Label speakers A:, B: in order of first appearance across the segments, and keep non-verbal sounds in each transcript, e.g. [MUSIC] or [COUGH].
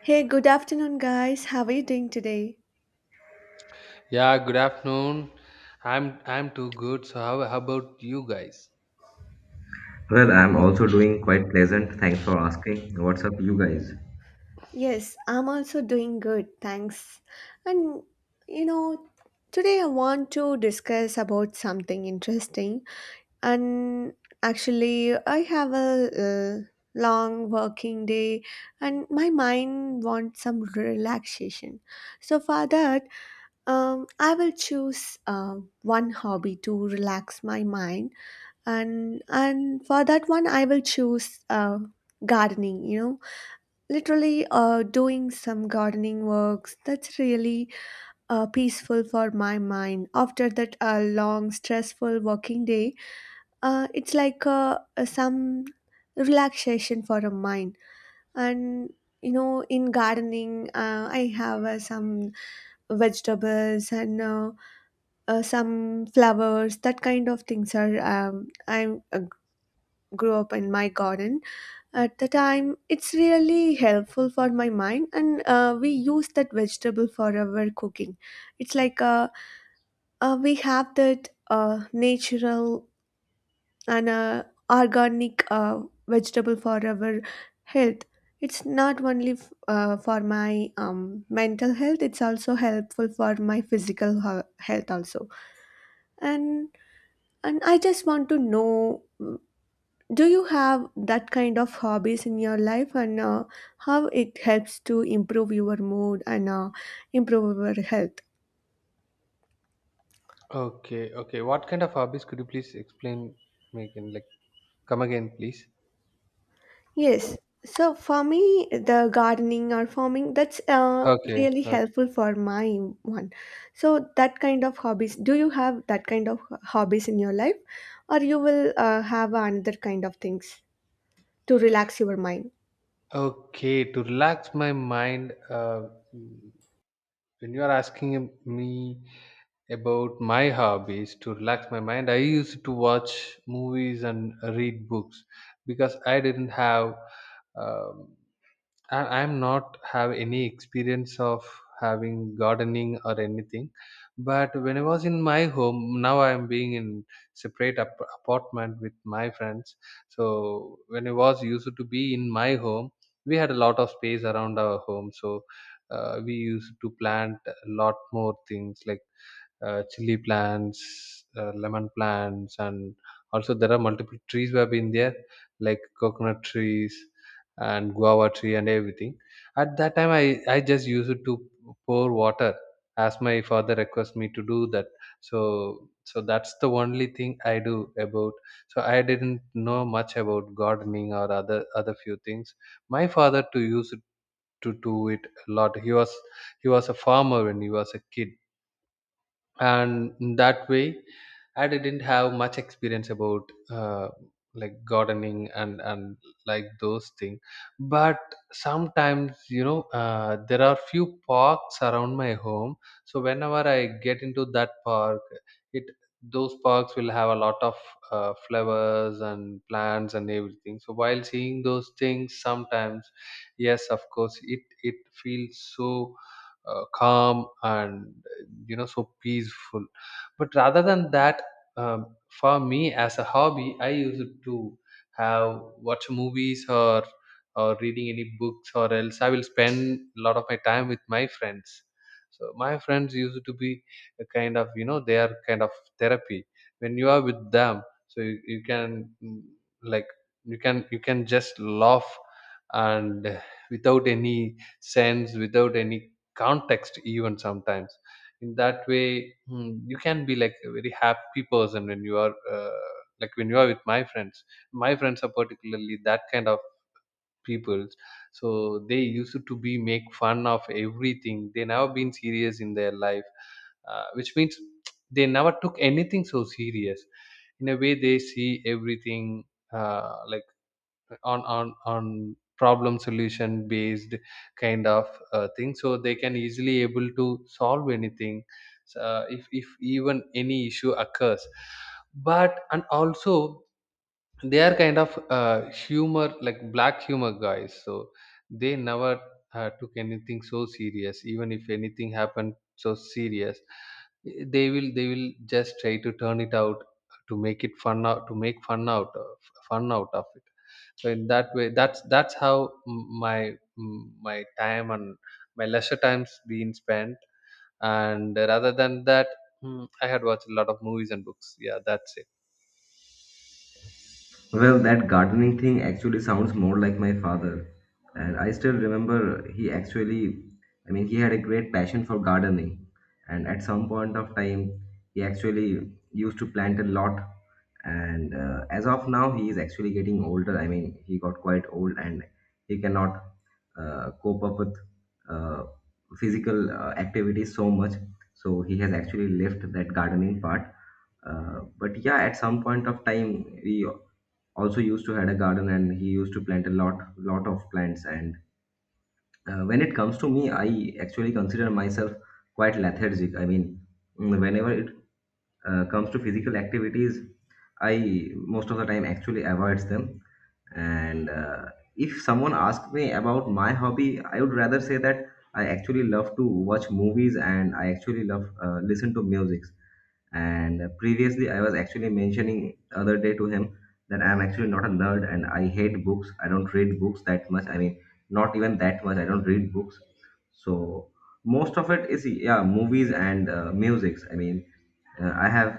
A: Hey, good afternoon, guys. How are you doing today?
B: Yeah, good afternoon. I'm too good. So how about you guys?
C: Well, I'm also doing quite pleasant. Thanks for asking. What's up, you guys?
A: Yes, I'm also doing good, thanks. And you know, today I want to discuss about something interesting. And actually, I have a long working day, and my mind wants some relaxation. So for that, I will choose one hobby to relax my mind and for that one I will choose gardening. Literally doing some gardening works, that's really peaceful for my mind after that long stressful working day. Uh, it's like some relaxation for a mind. And in gardening, I have some vegetables and some flowers, that kind of things are I uh, grew up in my garden. At the time, it's really helpful for my mind, and we use that vegetable for our cooking. It's like we have that natural and organic vegetable for our health. It's not only for my mental health; it's also helpful for my physical health also. And and I just want to know. Do you have that kind of hobbies in your life, and how it helps to improve your mood and improve your health?
B: Okay, okay. What kind of hobbies could you please explain, Megan? Like, come again, please.
A: Yes. So for me, the gardening or farming, that's
B: Okay,
A: really
B: okay.
A: helpful for my one. So that kind of hobbies, do you have that kind of hobbies in your life, or you will have another kind of things to relax your mind?
B: Okay, to relax my mind, mm, when you are asking me about my hobbies to relax my mind, I used to watch movies and read books because I didn't have um, I'm not have any experience of having gardening or anything, but when I was in my home, now I am being in separate apartment with my friends. So when I was used to be in my home, we had a lot of space around our home, so we used to plant a lot more things like chili plants, lemon plants, and also there are multiple trees were have been there, like coconut trees and guava tree and everything. At that time, I just used it to pour water as my father requests me to do that. So that's the only thing I do about. So I didn't know much about gardening or other few things. My father to use it to do it a lot. He was a farmer when he was a kid, and in that way I didn't have much experience about like gardening and like those things. But sometimes, you know, there are few parks around my home. So whenever I get into that park, it those parks will have a lot of flowers and plants and everything. So while seeing those things, sometimes yes, of course, it feels so calm and, you know, so peaceful. But rather than that, for me as a hobby I used to have watch movies or reading any books, or else I will spend a lot of my time with my friends. So my friends used to be a kind of, you know, they are kind of therapy. When you are with them, so you can, like, you can just laugh and without any sense, without any context, even sometimes in that way, you can be like a very happy person when you are, like, when you are with my friends. My friends are particularly that kind of people. So they used to be make fun of everything. They never been serious in their life, which means they never took anything so serious. In a way, they see everything, like, on on problem solution based kind of thing. So they can easily able to solve anything, if even any issue occurs. But and also they are kind of humor, like black humor guys. So they never took anything so serious, even if anything happened so serious, they will just try to turn it out to make it fun out, to make fun out of it. So in that way, that's how m- my my time and my leisure times being spent. And rather than that, I had watched a lot of movies and books, yeah, that's it.
C: Well, that gardening thing actually sounds more like my father. And I still remember he actually, I mean, he had a great passion for gardening. And at some point of time, he actually used to plant a lot. And as of now, he is actually getting older. I mean, he got quite old and he cannot cope up with uh, physical activities so much. So he has actually left that gardening part. But yeah, at some point of time, we also used to had a garden and he used to plant a lot of plants and when it comes to me, I actually consider myself quite lethargic. I mean, whenever it comes to physical activities, I most of the time actually avoids them. And if someone asks me about my hobby, I would rather say that I actually love to watch movies and I actually love listen to music. And previously I was actually mentioning the other day to him that I'm actually not a nerd and I hate books. I don't read books that much. I mean, not even that much, I don't read books. So most of it is yeah movies and musics. I mean, I have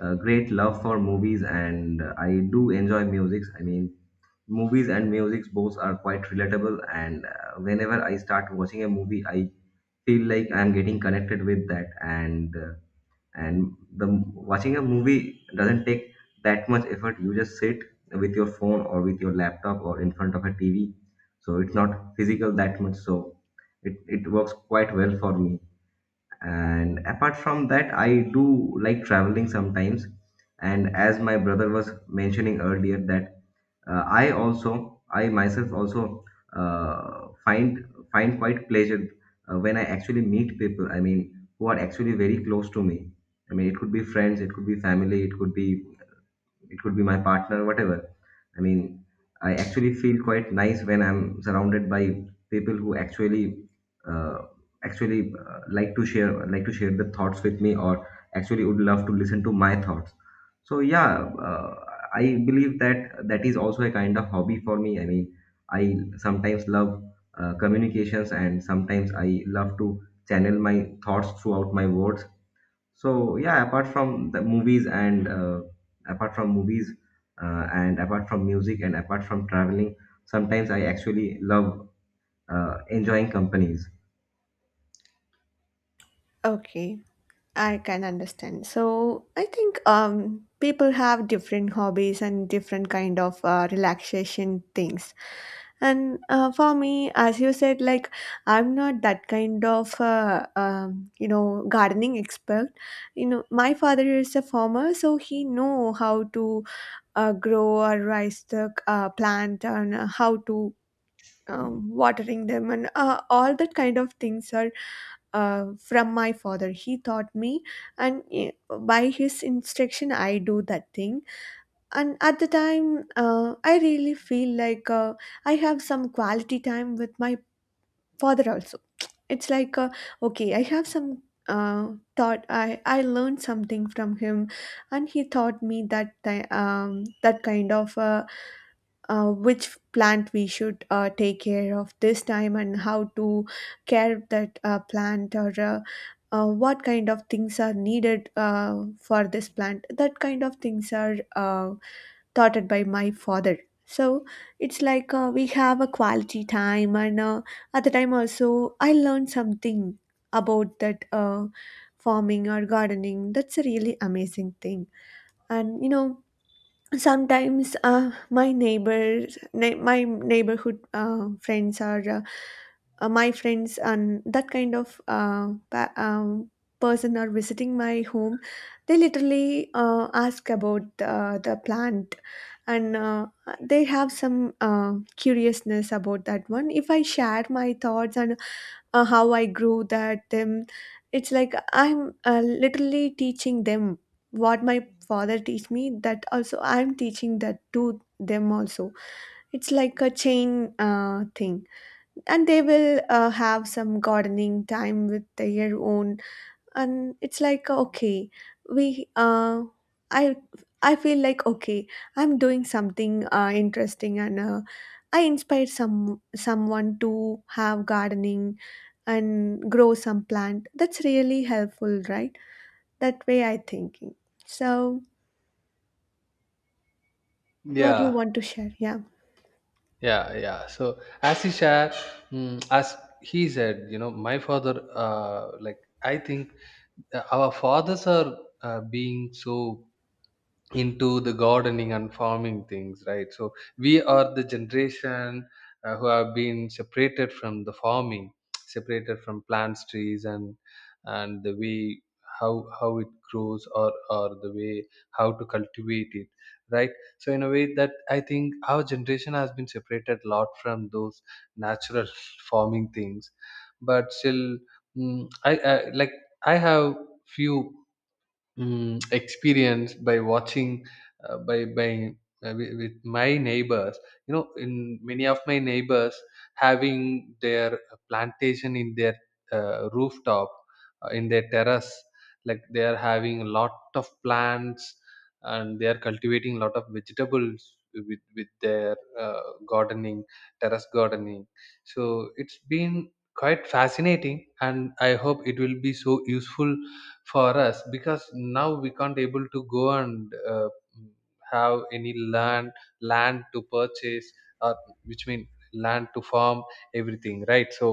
C: a great love for movies and I do enjoy musics. I mean, movies and musics both are quite relatable. And whenever I start watching a movie, I feel like I'm getting connected with that. And and the watching a movie doesn't take that much effort. You just sit with your phone or with your laptop or in front of a TV, so it's not physical that much. So it works quite well for me. And apart from that, I do like traveling sometimes. And as my brother was mentioning earlier that I also, I myself also uh, find find quite pleasure when I actually meet people. I mean, who are actually very close to me. I mean, it could be friends, it could be family, it could be my partner, whatever. I mean, I actually feel quite nice when I'm surrounded by people who actually uh, actually like to share the thoughts with me, or actually would love to listen to my thoughts. So yeah, I believe that that is also a kind of hobby for me. I mean, I sometimes love communications, and sometimes I love to channel my thoughts throughout my words. So yeah, apart from the movies and apart from movies and apart from music and apart from traveling, sometimes I actually love enjoying companies.
A: Okay. I can understand. So I think people have different hobbies and different kind of relaxation things. And for me, as you said, like I'm not that kind of you know gardening expert. You know, my father is a farmer, so he know how to grow or raise the plant, and how to watering them, and all that kind of things are from my father, he taught me. And by his instruction, I do that thing, and at the time I really feel like I have some quality time with my father also. It's like okay, I have some uh, thought, I learned something from him, and he taught me that that kind of which plant we should take care of this time, and how to care that plant, or what kind of things are needed for this plant. That kind of things are taught by my father. So it's like we have a quality time, and at the time also I learned something about that farming or gardening. That's a really amazing thing. And you know, sometimes my my neighborhood friends are my friends, and that kind of person are visiting my home. They literally ask about the plant, and they have some curiousness about that one, if I share my thoughts and how I grew that them. It's like I'm literally teaching them what my father teach me. That also I'm teaching that to them also. It's like a chain thing, and they will have some gardening time with their own, and it's like okay, we I I feel like okay, I'm doing something interesting, and I inspire someone to have gardening and grow some plant. That's really helpful, right? That way I thinking. So what you
B: Yeah.
A: want to share? Yeah,
B: Yeah, so as he shared, as he said, you know, my father, like, I think our fathers are being so into the gardening and farming things, right? So we are the generation who have been separated from the farming, separated from plants, trees, and the way how it grows, or the way how to cultivate it, right? So in a way that I think our generation has been separated a lot from those natural [LAUGHS] farming things. But still, I like, I have few experience by watching, by with my neighbors. You know, in many of my neighbors having their plantation in their rooftop, in their terrace, like they are having a lot of plants and they are cultivating a lot of vegetables with their uh, gardening, terrace gardening. So it's been quite fascinating, and I hope it will be so useful for us, because now we can't able to go and have any land to purchase, uh, which mean land to farm, everything, right? So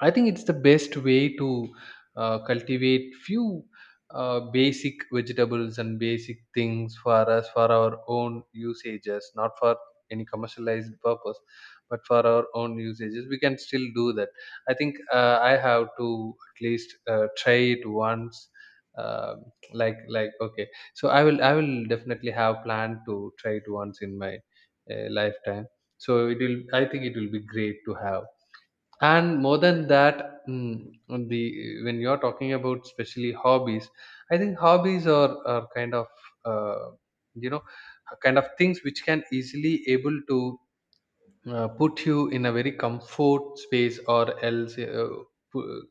B: I think it's the best way to cultivate few basic vegetables and basic things for us, for our own usages, not for any commercialized purpose, but for our own usages. We can still do that. I think I have to at least try it once. Um okay, so I will definitely have planned to try it once in my lifetime. So it will, I think it will be great to have. And more than that, the when you're talking about especially hobbies, I think hobbies are kind of uh, you know, kind of things which can easily able to put you in a very comfort space, or else, pu-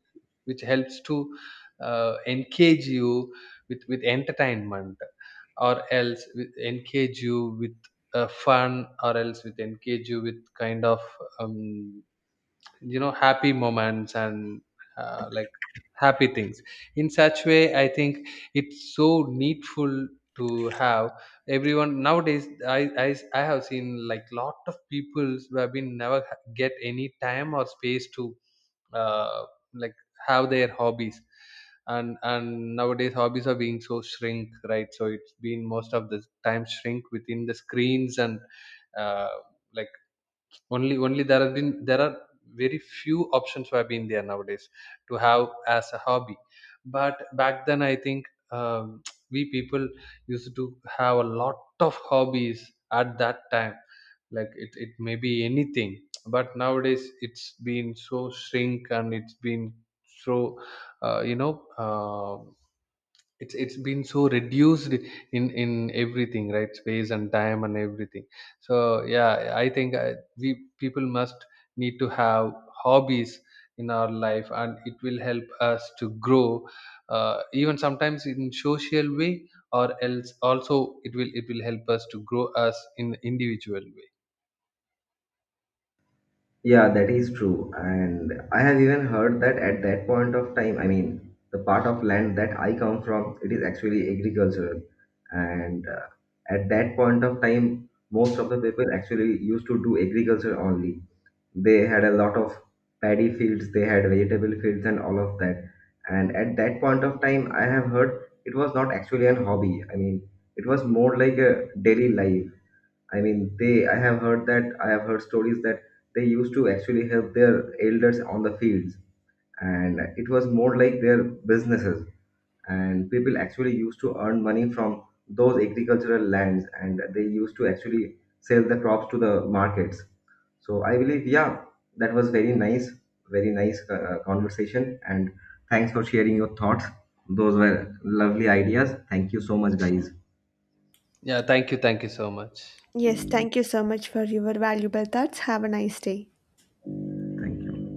B: which helps to engage you with entertainment, or else with engage you with fun, or else with engage you with kind of um, you know, happy moments and, like, happy things. In such way, I think it's so needful to have. Everyone nowadays, I have seen like lot of people who have been never get any time or space to uh, like have their hobbies. And nowadays hobbies are being so shrink, right? So it's been most of the time shrink within the screens, and uh, like, only only there have been, there are very few options who have been there nowadays to have as a hobby. But back then, I think, [TSK] we people used to have a lot of hobbies at that time, like it may be anything. But nowadays it's been so shrink, and it's been so, uh, you know uh, it's been so reduced in everything, right, space and time and everything. So yeah, I think we people must need to have hobbies in our life, and it will help us to grow even sometimes in social way, or else also it will help us to grow us in individual way.
C: Yeah, that is true. And I have even heard that at that point of time, I mean, the part of land that I come from, it is actually agricultural. And at that point of time, most of the people actually used to do agriculture only. They had a lot of paddy fields, they had vegetable fields and all of that. And at that point of time, I have heard it was not actually an hobby. I mean, it was more like a daily life. I mean, they I have heard that I have heard stories that they used to actually help their elders on the fields, and it was more like their businesses. And people actually used to earn money from those agricultural lands, and they used to actually sell the crops to the markets. So I believe, yeah, that was very nice conversation. And thanks for sharing your thoughts. Those were lovely ideas. Thank you so much, guys.
B: Yeah, thank you so much.
A: yes, thank you so much for your valuable thoughts. Have a nice day.
C: Thank you.